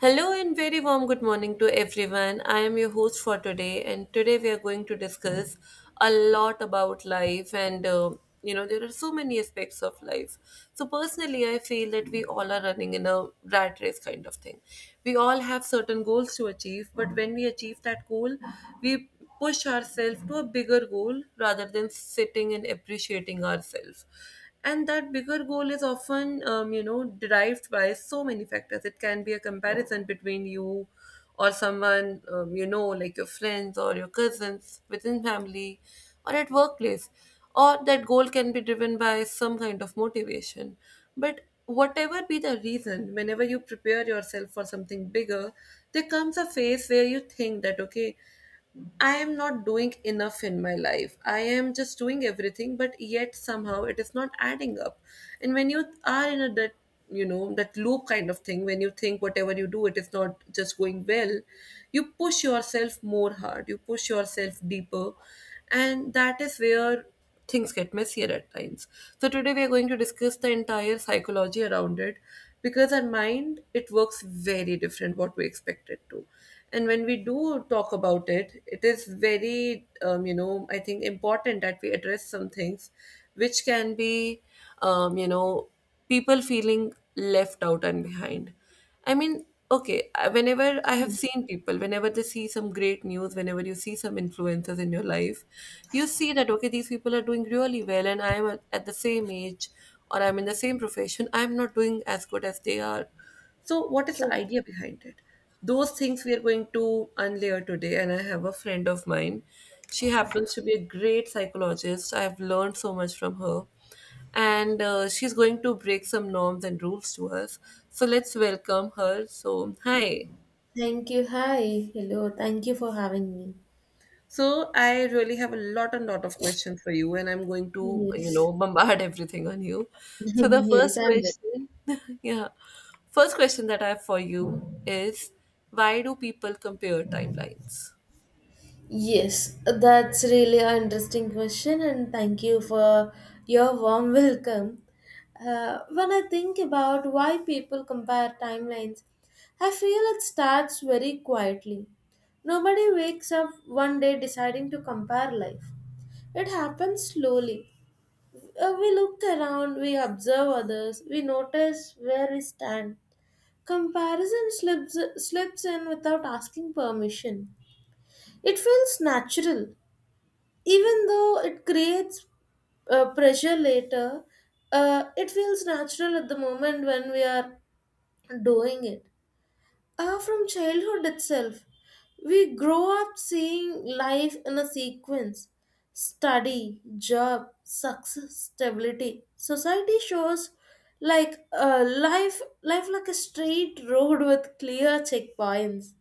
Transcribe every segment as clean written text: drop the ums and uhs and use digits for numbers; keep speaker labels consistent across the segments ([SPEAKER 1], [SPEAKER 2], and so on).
[SPEAKER 1] Hello and very warm good morning to everyone. I am your host for today, and today we are going to discuss a lot about life, and you know, there are so many aspects of life. So personally, I feel that we all are running in a rat race kind of thing. We all have certain goals to achieve, but when we achieve that goal, we push ourselves to a bigger goal rather than sitting and appreciating ourselves, and that bigger goal is often derived by so many factors. It can be a comparison between you or someone, like your friends or your cousins within family or at workplace, or that goal can be driven by some kind of motivation. But whatever be the reason, whenever you prepare yourself for something bigger, there comes a phase where you think that, okay, I am not doing enough in my life. I am just doing everything, but yet somehow it is not adding up. And when you are in a that you know that loop kind of thing, when you think whatever you do, it is not just going well, you push yourself more hard. You push yourself deeper, and that is where things get messier at times. So today we are going to discuss the entire psychology around it, because our mind, it works very different what we expect it to. And when we do talk about it, it is very I think important that we address some things which can be, um, you know people feeling left out and behind. I mean, okay, whenever I have seen people, whenever they see some great news, whenever you see some influencers in your life, you see that, okay, these people are doing really well, and I am at the same age, or I'm in the same profession, I'm not doing as good as they are. So what is the
[SPEAKER 2] True.
[SPEAKER 1] idea behind it? Those things we are going to unlayer today, and I have a friend of mine. She happens to be a great psychologist. I have learned so much from her, and she's going to break some norms and rules to us. So let's welcome her. So, hi.
[SPEAKER 2] Thank you. Hi. Hello. Thank you for having me.
[SPEAKER 1] So, I really have a lot and lot of questions for you, and I'm going to, you
[SPEAKER 2] Yes.
[SPEAKER 1] know, bombard everything on you. So, the
[SPEAKER 2] Yes,
[SPEAKER 1] first
[SPEAKER 2] I'm ready.
[SPEAKER 1] question, yeah, first question that I have for you is, why do people compare timelines?
[SPEAKER 2] Yes, that's really an interesting question, and thank you for your warm welcome. When I think about why people compare timelines, I feel it starts very quietly. Nobody wakes up one day deciding to compare life. It happens slowly. We look around, we observe others, we notice where we stand. Comparison slips in without asking permission. It feels natural, even though it creates pressure later. It feels natural at the moment when we are doing it. From childhood itself, we grow up seeing life in a sequence: study, job, success, stability. Society shows like life like a straight road with clear checkpoints.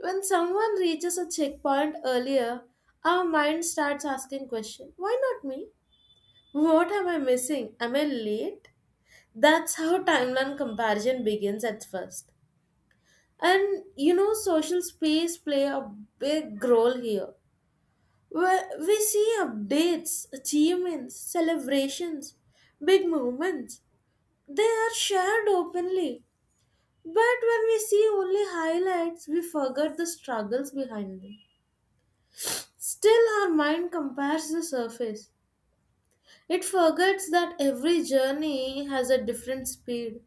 [SPEAKER 2] When someone reaches a checkpoint earlier, our mind starts asking questions. Why not me? What am I missing? Am I late? That's how timeline comparison begins at first. And social space play a big role here, where we see updates, achievements, celebrations, big moments. They are shared openly. But when we see only highlights, we forget the struggles behind them. Still, our mind compares the surface. It forgets that every journey has a different speed.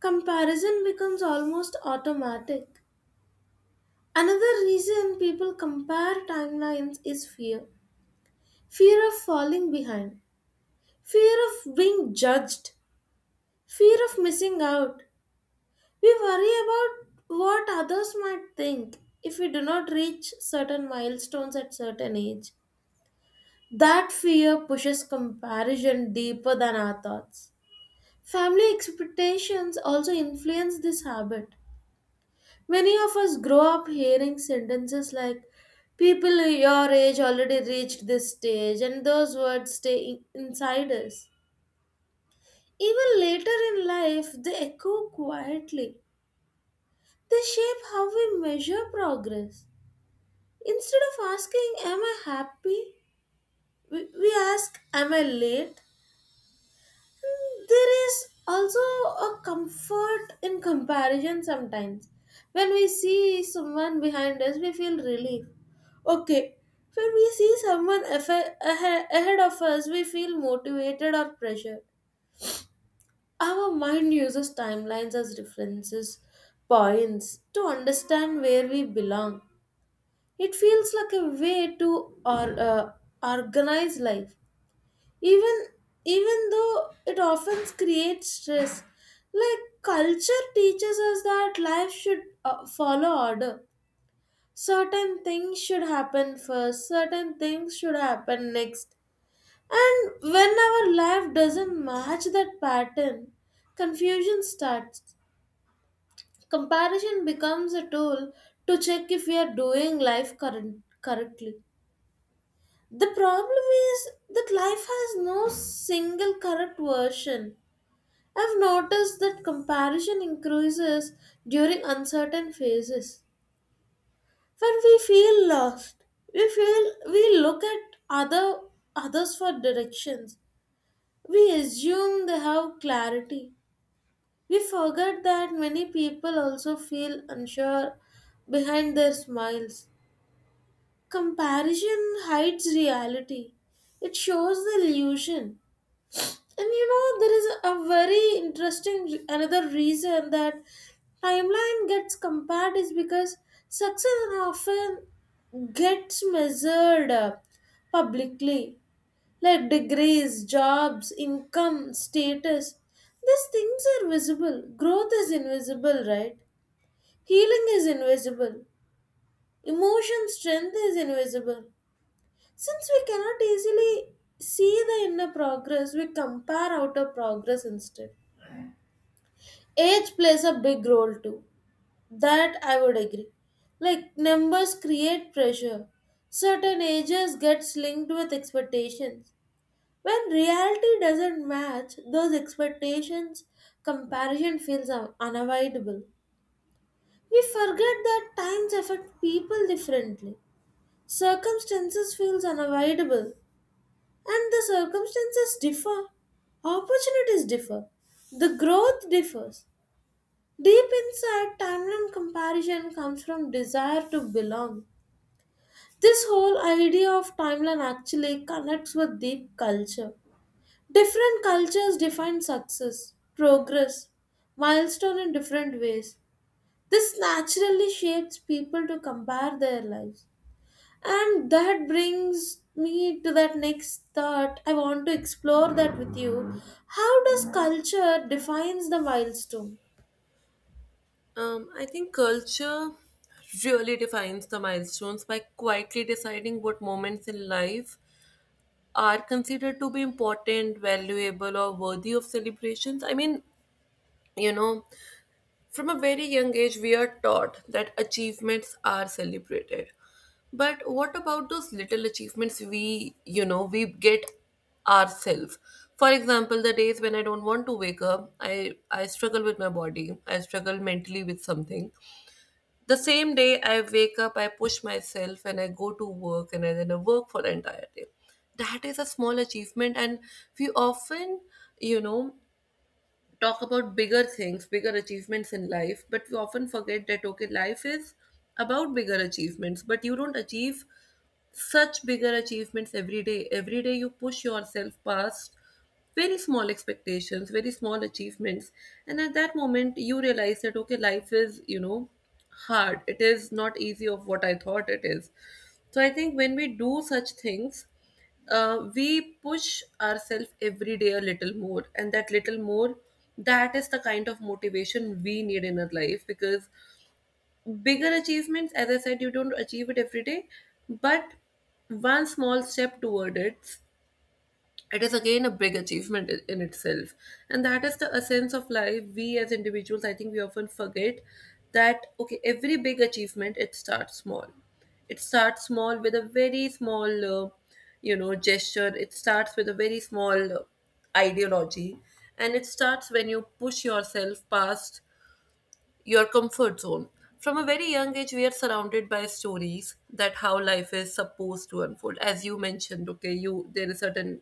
[SPEAKER 2] Comparison becomes almost automatic. Another reason people compare timelines is fear fear of falling behind, fear of being judged, fear of missing out. We worry about what others might think if we do not reach certain milestones at certain age. That fear pushes comparison deeper than our thoughts. Family expectations also influence this habit. Many of us grow up hearing sentences like, "People your age already reached this stage," and those words stay inside us. Even later in life, they echo quietly. They shape how we measure progress. Instead of asking, "Am I happy?" we ask, "Am I late?" There is also a comfort in comparison sometimes. When we see someone behind us, we feel relief. Okay, when we see someone ahead of us, we feel motivated or pressured. Our mind uses timelines as references points to understand where we belong. It feels like a way to or, uh, organize life, even even though it often creates stress. Like culture teaches us that life should follow order, certain things should happen first, certain things should happen next, and when our life doesn't match that pattern, confusion starts. Comparison becomes a tool to check if we are doing life correctly. The problem is that life has no single correct version. I've noticed that comparison increases during uncertain phases. When we feel lost, we feel we look at others for directions. We assume they have clarity. We forget that many people also feel unsure behind their smiles. Comparison hides reality. It shows the illusion. And there is a very interesting another reason that timeline gets compared: is because success often gets measured publicly, like degrees, jobs, income, status. These things are visible. Growth is invisible, right? Healing is invisible. Emotion strength is invisible. Since we cannot easily see the inner progress, we compare outer progress instead. Age plays a big role too. That I would agree. Like numbers create pressure. Certain ages gets linked with expectations. When reality doesn't match those expectations, comparison feels unavoidable. We forget that times affect people differently. Circumstances feels unavoidable and the circumstances differ. Opportunities differ. The growth differs. Deep inside, timeline comparison comes from desire to belong. This whole idea of timeline actually connects with deep culture. Different cultures define success, progress, milestone in different ways. This naturally shapes people to compare their lives. And that brings me to that next thought. I want to explore that with you. How does culture defines the milestone?
[SPEAKER 1] I think culture really defines the milestones by quietly deciding what moments in life are considered to be important, valuable, or worthy of celebrations. I mean, you know, from a very young age, we are taught that achievements are celebrated. But what about those little achievements we, you know, we get ourselves? For example, the days when I don't want to wake up, I struggle with my body, I struggle mentally with something. The same day I wake up, I push myself and I go to work, and I then I work for the entire day. That is a small achievement, and we often, you know, talk about bigger things, bigger achievements in life, but we often forget that, okay, life is about bigger achievements, but you don't achieve such bigger achievements every day. Every day you push yourself past very small expectations, very small achievements, and at that moment you realize that, okay, life is, you know, hard. It is not easy of what I thought it is. So I think when we do such things, we push ourselves every day a little more, and that little more, that is the kind of motivation we need in our life, because bigger achievements, as I said, you don't achieve it every day. But one small step toward it, it is again a big achievement in itself, and that is the essence of life. We as individuals, I think we often forget that, okay, every big achievement, it starts small. It starts small with a very small you know gesture. It starts with a very small ideology, and it starts when you push yourself past your comfort zone. From a very young age, we are surrounded by stories that how life is supposed to unfold. As you mentioned, okay, you there is certain,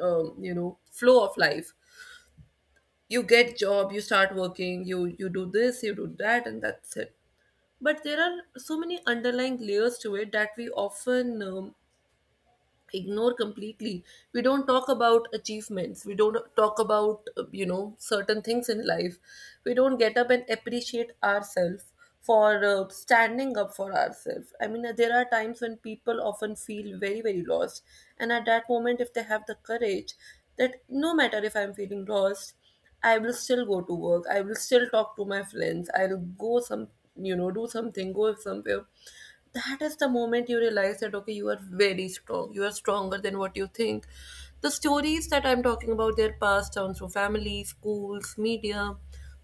[SPEAKER 1] you know, flow of life. You get job, you start working, you do this, you do that, and that's it. But there are so many underlying layers to it that we often ignore completely. We don't talk about achievements, we don't talk about, you know, certain things in life. We don't get up and appreciate ourselves for standing up for ourselves. I mean, there are times when people often feel very very lost, and at that moment, if they have the courage that no matter if I'm feeling lost, I will still go to work. I will still talk to my friends. I'll go some, you know, do something, go somewhere. That is the moment you realize that, okay, you are very strong. You are stronger than what you think. The stories that I'm talking about, they're passed down through family, schools, media.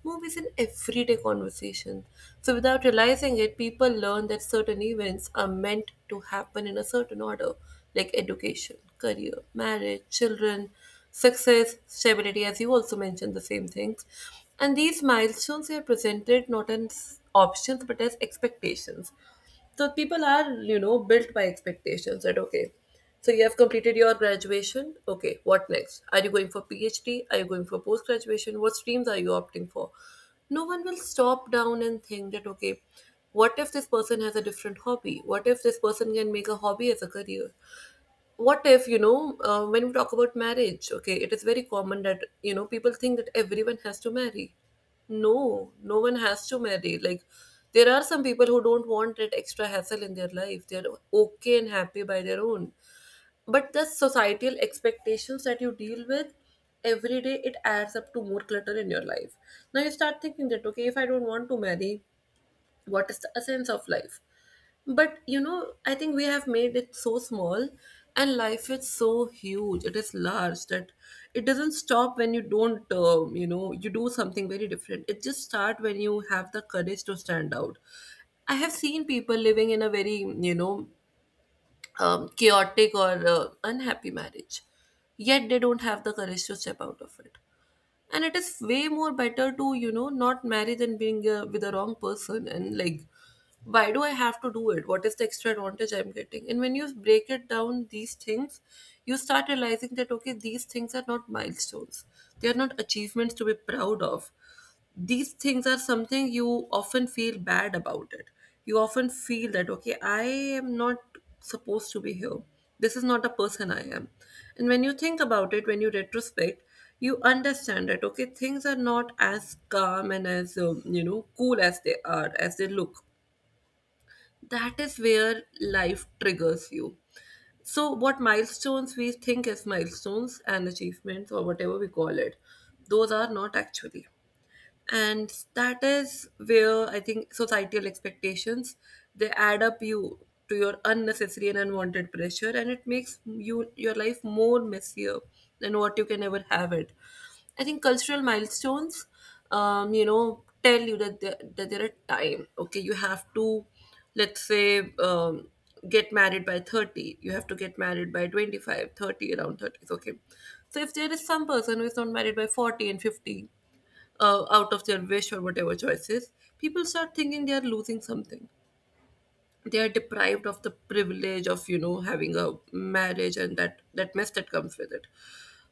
[SPEAKER 1] Movies in everyday conversation. So without realizing it, people learn that certain events are meant to happen in a certain order, like education, career, marriage, children, success, stability, as you also mentioned the same things. And these milestones are presented not as options but as expectations. So people are, you know, built by expectations that, okay, so you have completed your graduation. Okay, what next? Are you going for PhD? Are you going for post graduation? What streams are you opting for? No one will stop down and think that, okay, what if this person has a different hobby? What if this person can make a hobby as a career? What if, you know, when we talk about marriage, okay, it is very common that, you know, people think that everyone has to marry. No, no one has to marry. Like, there are some people who don't want that extra hassle in their life. They're okay and happy by their own. But the societal expectations that you deal with every day, it adds up to more clutter in your life. Now you start thinking that, okay, if I don't want to marry, what is the essence of life? But you know, I think we have made it so small, and life is so huge. It is large that it doesn't stop when you don't, you know, you do something very different. It just start when you have the courage to stand out. I have seen people living in a very, you know, chaotic or unhappy marriage, yet they don't have the courage to step out of it, and it is way more better to, you know, not marry than being, with the wrong person. And like, why do I have to do it? What is the extra advantage I'm getting? And when you break it down these things, you start realizing that, okay, these things are not milestones. They are not achievements to be proud of. These things are something you often feel bad about it. You often feel that, okay, I am not supposed to be here. This is not the person I am. And when you think about it, when you retrospect, you understand that, okay, things are not as calm and as, you know, cool as they are as they look. That is where life triggers you. So what milestones we think as milestones and achievements or whatever we call it, those are not actually. And that is where I think societal expectations, they add up you to your unnecessary and unwanted pressure, and it makes you your life more messier than what you can ever have it. I think cultural milestones, you know, tell you that that there are time, okay, you have to, let's say, get married by 30. You have to get married by 25, 30, around 30, okay. So if there is some person who is not married by 40 and 50, out of their wish or whatever choices, people start thinking they are losing something. They are deprived of the privilege of, you know, having a marriage, and that that mess that comes with it.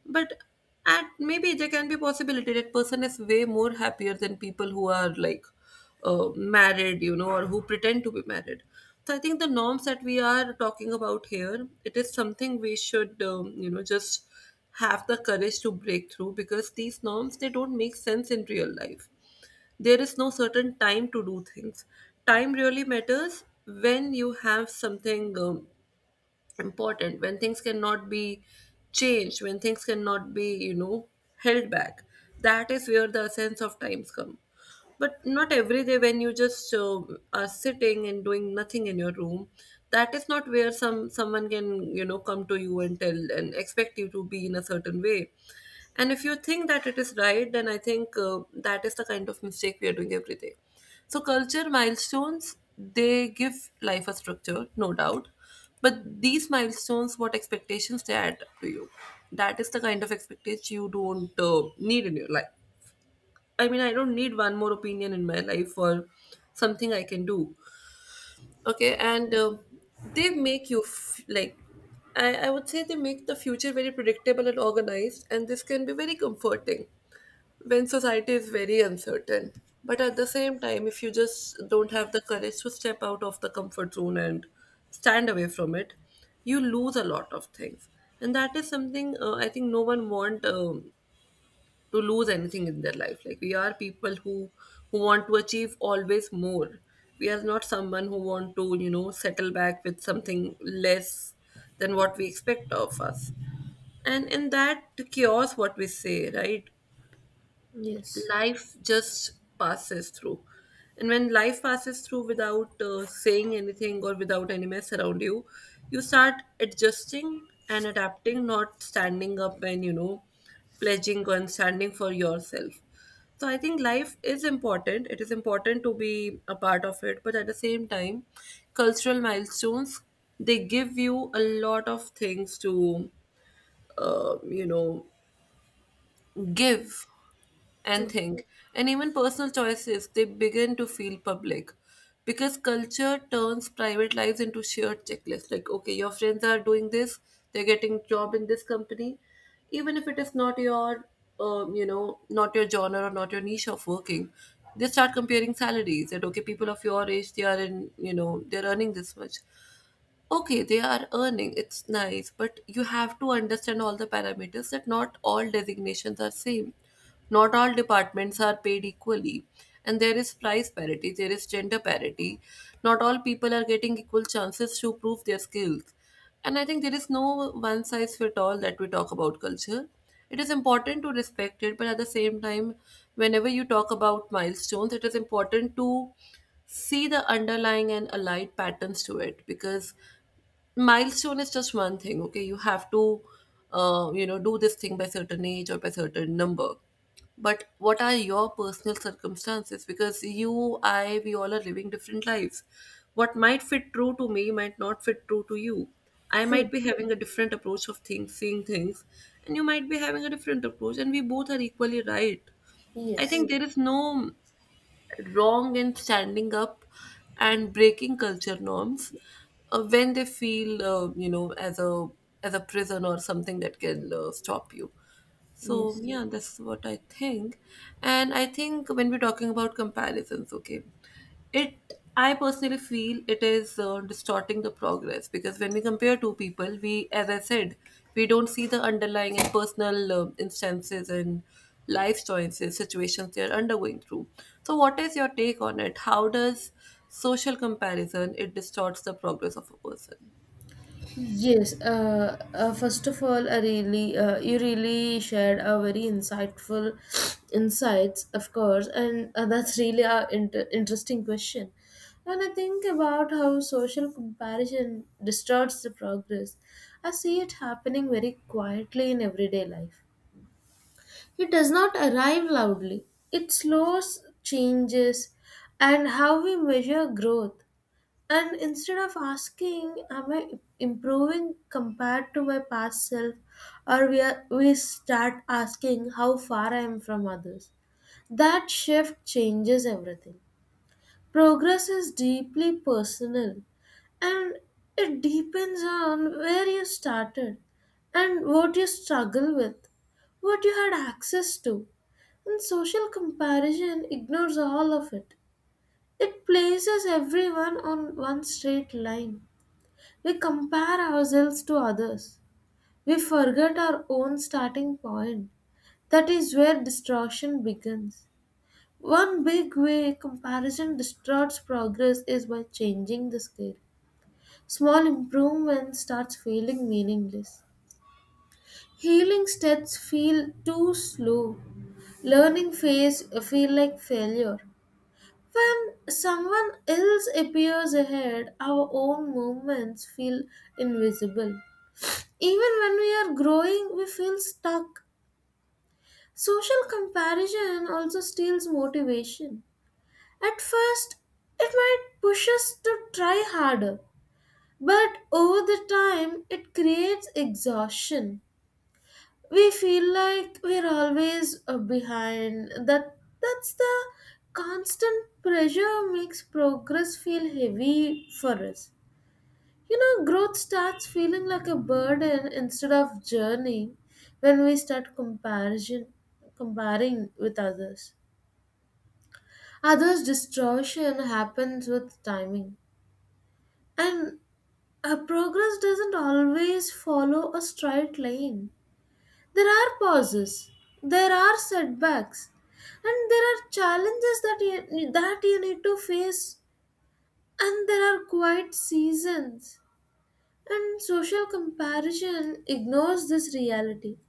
[SPEAKER 1] But and maybe there can be a possibility that person is way more happier than people who are like, married, you know, or who pretend to be married. So I think the norms that we are talking about here, it is something we should, you know, just have the courage to break through, because these norms, they don't make sense in real life. There is no certain time to do things. Time really matters when you have something important, when things cannot be changed, when things cannot be held back. That is where the sense of times come. But not every day when you just are sitting and doing nothing in your room. That is not where someone can come to you and tell and expect you to be in a certain way. And if you think that it is right, then I think that is the kind of mistake we are doing every day. So culture milestones, they give life a structure, no doubt, but these milestones, what expectations they add to you, that is the kind of expectation you don't need in your life. I mean, I don't need one more opinion in my life or something I can do. Okay, and they make you like, I would say they make the future very predictable and organized, and this can be very comforting when society is very uncertain. But at the same time, if you just don't have the courage to step out of the comfort zone and stand away from it, you lose a lot of things. And that is something I think no one want to lose anything in their life. Like, we are people who want to achieve always more. We are not someone who want to settle back with something less than what we expect of us. And in that chaos, what we say, right,
[SPEAKER 2] Yes,
[SPEAKER 1] life just passes through. And when life passes through without saying anything or without any mess around you, you start adjusting and adapting, not standing up and pledging and standing for yourself. So I think life is important, it is important to be a part of it, but at the same time, cultural milestones, they give you a lot of things to uh, you know give and
[SPEAKER 2] true,
[SPEAKER 1] think, and even personal choices, they begin to feel public. Because culture turns private lives into shared checklists. Like, okay, your friends are doing this, they're getting job in this company. Even if it is not your, not your genre or not your niche of working, they start comparing salaries. That, okay, people of your age, they are in, they're earning this much. Okay, they are earning, it's nice, but you have to understand all the parameters, that not all designations are same, not all departments are paid equally, and there is price parity, there is gender parity, not all people are getting equal chances to prove their skills. And I think there is no one size fit all that we talk about culture. It is important to respect it, but at the same time, whenever you talk about milestones, it is important to see the underlying and allied patterns to it, because milestone is just one thing. Okay, you have to do this thing by certain age or by certain number, but what are your personal circumstances? Because you I we all are living different lives. What might fit true to me might not fit true to you. I might
[SPEAKER 2] true.
[SPEAKER 1] be having a different approach of things, seeing things, and you might be having a different approach, and we both are equally right. I
[SPEAKER 2] Yes.
[SPEAKER 1] think there is no wrong in standing up and breaking culture norms when they feel as a prison or something that can stop you. So
[SPEAKER 2] Yes.
[SPEAKER 1] yeah, that's what I think. And I think when we're talking about comparisons, okay, it, I personally feel it is distorting the progress, because when we compare two people, we, as I said, we don't see the underlying and personal instances and life choices, situations they are undergoing through. So what is your take on it? How does social comparison, it distorts the progress of a person?
[SPEAKER 2] Yes. First of all, you really shared a very insightful insights, of course, and that's really a interesting question. And I think about how social comparison distorts the progress. I see it happening very quietly in everyday life. It does not arrive loudly. It slows changes and how we measure growth. And instead of asking, "Am I improving compared to my past self?" Or we start asking how far I am from others. That shift changes everything. Progress is deeply personal, and it depends on where you started and what you struggle with, what you had access to. And social comparison ignores all of it. It places everyone on one straight line. We compare ourselves to others. We forget our own starting point. That is where destruction begins. One big way comparison distorts progress is by changing the scale. Small improvement starts feeling meaningless. Healing steps feel too slow. Learning phase feel like failure. When someone else appears ahead, our own movements feel invisible. Even when we are growing, we feel stuck. Social comparison also steals motivation. At first, it might push us to try harder, but over the time, it creates exhaustion. We feel like we're always behind. That's the constant pressure makes progress feel heavy for us. You know, growth starts feeling like a burden instead of journey when we start comparison comparing with others. Others' distortion happens with timing. And our progress doesn't always follow a straight line. There are pauses, there are setbacks, and there are challenges that you need to face, and there are quiet seasons. And social comparison ignores this reality.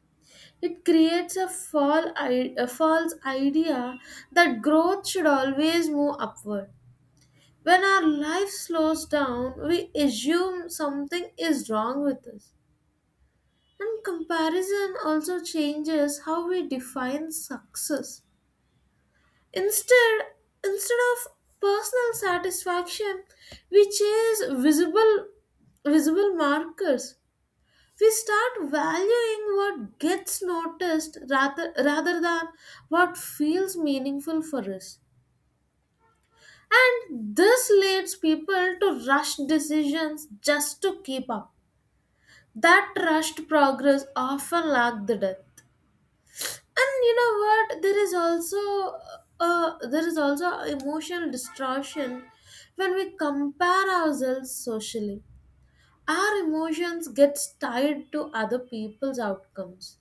[SPEAKER 2] It creates a false idea that growth should always move upward. When our life slows down, we assume something is wrong with us. And comparison also changes how we define success. Instead, instead of personal satisfaction, we chase visible markers. We start valuing what gets noticed rather than what feels meaningful for us. And this leads people to rush decisions just to keep up. That rushed progress often lacks the depth. And you know what? There is also emotional distortion when we compare ourselves socially. Our emotions get tied to other people's outcomes,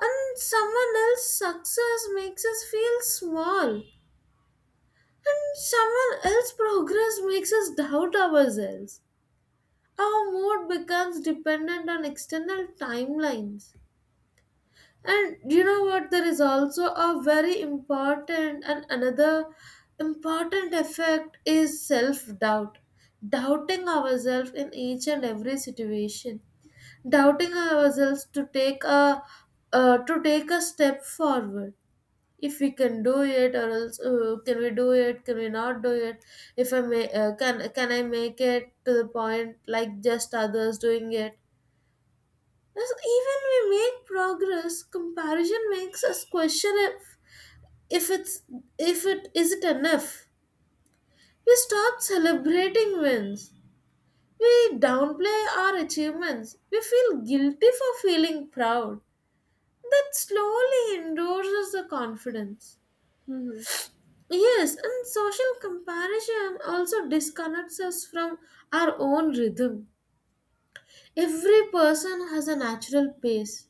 [SPEAKER 2] and someone else's success makes us feel small, and someone else's progress makes us doubt ourselves. Our mood becomes dependent on external timelines. And you know what, there is also a very important and another important effect: is self doubt, doubting ourselves in each and every situation, doubting ourselves to take a to take a step forward. If we can do it, or else can we do it, can we not do it? If I may, can I make it to the point like just others doing it? Thus, even we make progress, comparison makes us question if it's if it is it enough. We stop celebrating wins. We downplay our achievements. We feel guilty for feeling proud. That slowly endorses the confidence. Yes, and social comparison also disconnects us from our own rhythm. Every person has a natural pace.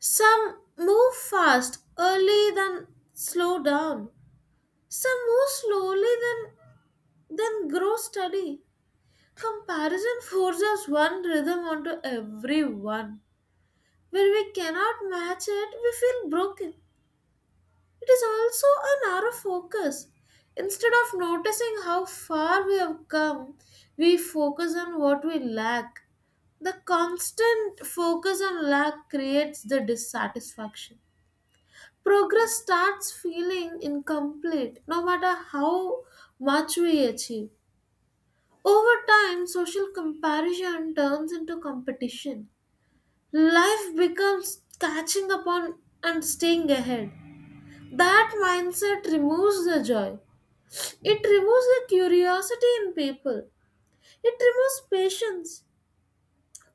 [SPEAKER 2] Some move fast, early, then slow down. Some move slowly, then grow steady. Comparison forces one rhythm onto everyone. When we cannot match it, we feel broken. It is also a narrow focus. Instead of noticing how far we have come, we focus on what we lack. The constant focus on lack creates the dissatisfaction. Progress starts feeling incomplete no matter how much we achieve. Over time, social comparison turns into competition. Life becomes catching up on and staying ahead. That mindset removes the joy. It removes the curiosity in people. It removes patience.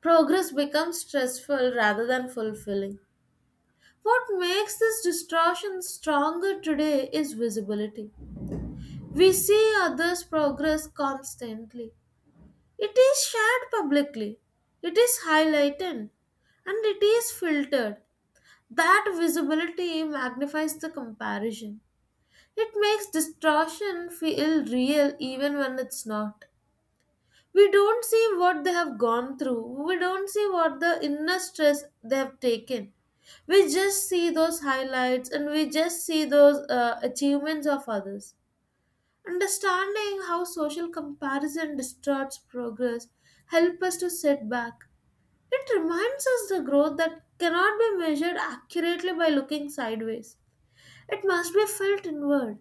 [SPEAKER 2] Progress becomes stressful rather than fulfilling. What makes this distortion stronger today is visibility. We see others' progress constantly. It is shared publicly. It is highlighted, and it is filtered. That visibility magnifies the comparison. It makes distortion feel real even when it's not. We don't see what they have gone through. We don't see what the inner stress they have taken. We just see those highlights, and we just see those achievements of others. Understanding how social comparison distorts progress help us to sit back. It reminds us the growth that cannot be measured accurately by looking sideways. It must be felt inward.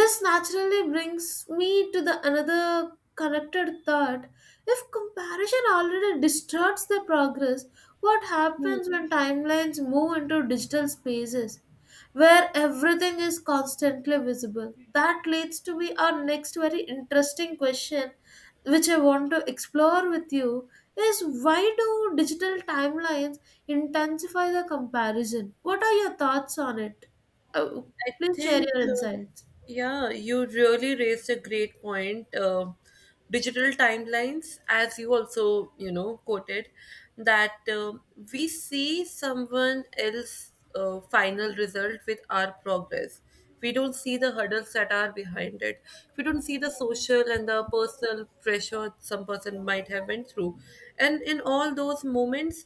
[SPEAKER 2] This naturally brings me to the another connected thought. If comparison already distorts the progress, what happens when timelines move into digital spaces where everything is constantly visible? That leads to be our next very interesting question, which I want to explore with you, is: why do digital timelines intensify the comparison? What are your thoughts on it? Oh,
[SPEAKER 1] I
[SPEAKER 2] please share
[SPEAKER 1] think,
[SPEAKER 2] your insights.
[SPEAKER 1] yeah, you really raised a great point. Digital timelines, as you also, quoted, that we see someone else's final result with our progress. We don't see the hurdles that are behind it. We don't see the social and the personal pressure some person might have went through. And in all those moments,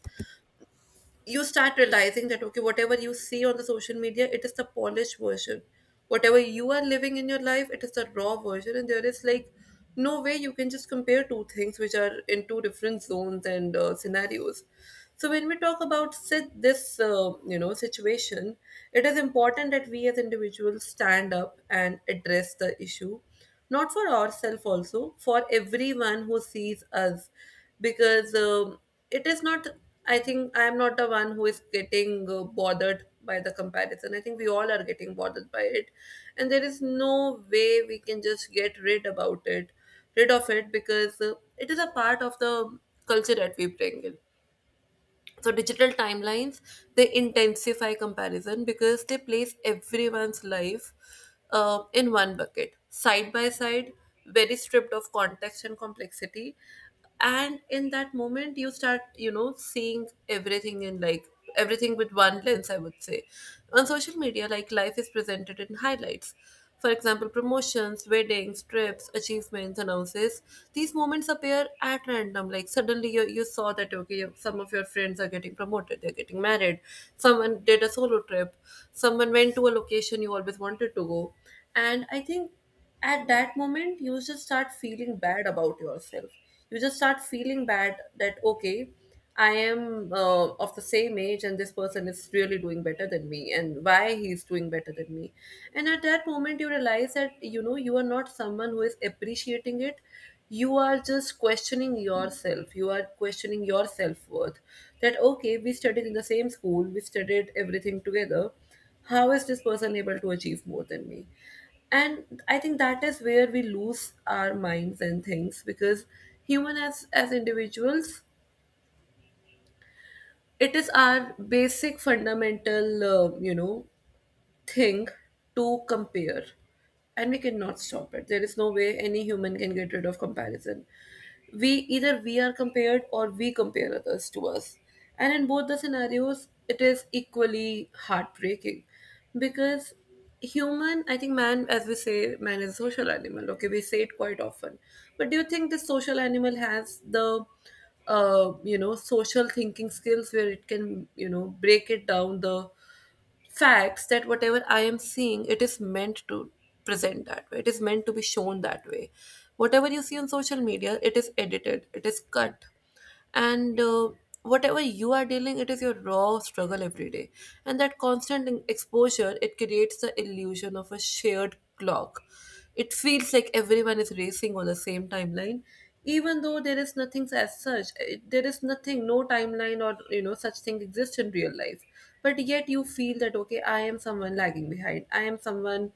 [SPEAKER 1] you start realizing that okay, whatever you see on the social media, it is the polished version, whatever you are living in your life, it is the raw version, and there is like no way you can just compare two things which are in two different zones and scenarios. So when we talk about sit this situation, it is important that we as individuals stand up and address the issue, not for ourselves, also for everyone who sees us. Because it is not, I think I am not the one who is getting bothered by the comparison, I think we all are getting bothered by it. And there is no way we can just get rid about it rid of it, because it is a part of the culture that we bring in. So digital timelines, they intensify comparison because they place everyone's life in one bucket, side by side, very stripped of context and complexity. And in that moment, you start, seeing everything in like everything with one lens. I would say, on social media, like, life is presented in highlights. For example, promotions, weddings, trips, achievements, announces. These moments appear at random. Like, suddenly you saw that, okay, some of your friends are getting promoted, they're getting married. Someone did a solo trip. Someone went to a location you always wanted to go. And I think at that moment you just start feeling bad about yourself, you just start feeling bad that okay, I am of the same age and this person is really doing better than me, and why he's doing better than me? And at that moment you realize that you are not someone who is appreciating it, you are just questioning yourself, you are questioning your self-worth. That okay, we studied in the same school, we studied everything together, how is this person able to achieve more than me? And I think that is where we lose our minds and things, because human, as individuals, it is our basic fundamental thing to compare. And we cannot stop it, there is no way any human can get rid of comparison. We, either we are compared or we compare others to us, and in both the scenarios it is equally heartbreaking. Because human, I think, man, as we say, man is a social animal, okay, we say it quite often. But do you think this social animal has the social thinking skills where it can break it down, the facts that whatever I am seeing, it is meant to present that way, it is meant to be shown that way. Whatever you see on social media, it is edited, it is cut, and whatever you are dealing, it is your raw struggle every day. And that constant exposure, it creates the illusion of a shared clock. It feels like everyone is racing on the same timeline, even though there is nothing as such. There is nothing, no timeline or such thing exists in real life. But yet you feel that okay, I am someone lagging behind, I am someone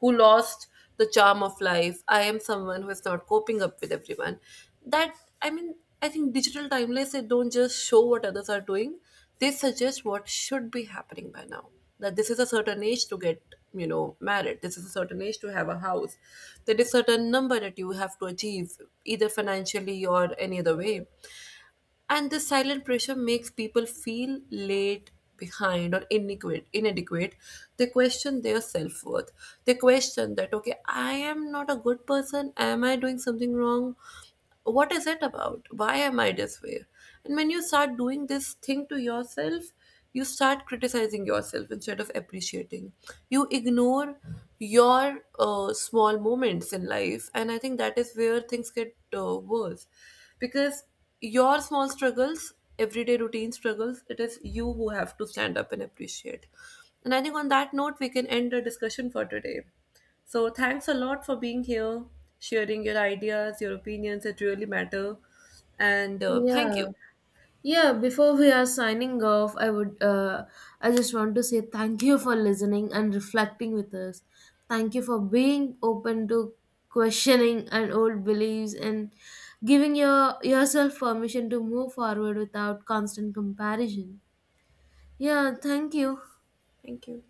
[SPEAKER 1] who lost the charm of life, I am someone who is not coping up with everyone. That, I mean, I think digital timelines, they don't just show what others are doing, they suggest what should be happening by now. That this is a certain age to get married, this is a certain age to have a house, there is certain number that you have to achieve, either financially or any other way. And this silent pressure makes people feel late, behind or inadequate. They question their self-worth, they question that okay, I am not a good person, am I doing something wrong? What is it about, why am I this way? And when you start doing this thing to yourself, you start criticizing yourself instead of appreciating. You ignore your small moments in life, and I think that is where things get worse, because your small struggles, everyday routine struggles, it is you who have to stand up and appreciate. And I think on that note we can end the discussion for today. So thanks a lot for being here, sharing your ideas, your opinions. It really matter. And thank
[SPEAKER 2] Yeah.
[SPEAKER 1] you.
[SPEAKER 2] Yeah, before we are signing off, I would I just want to say thank you for listening and reflecting with us. Thank you for being open to questioning and old beliefs and giving yourself permission to move forward without constant comparison. Yeah, thank you.
[SPEAKER 1] Thank you.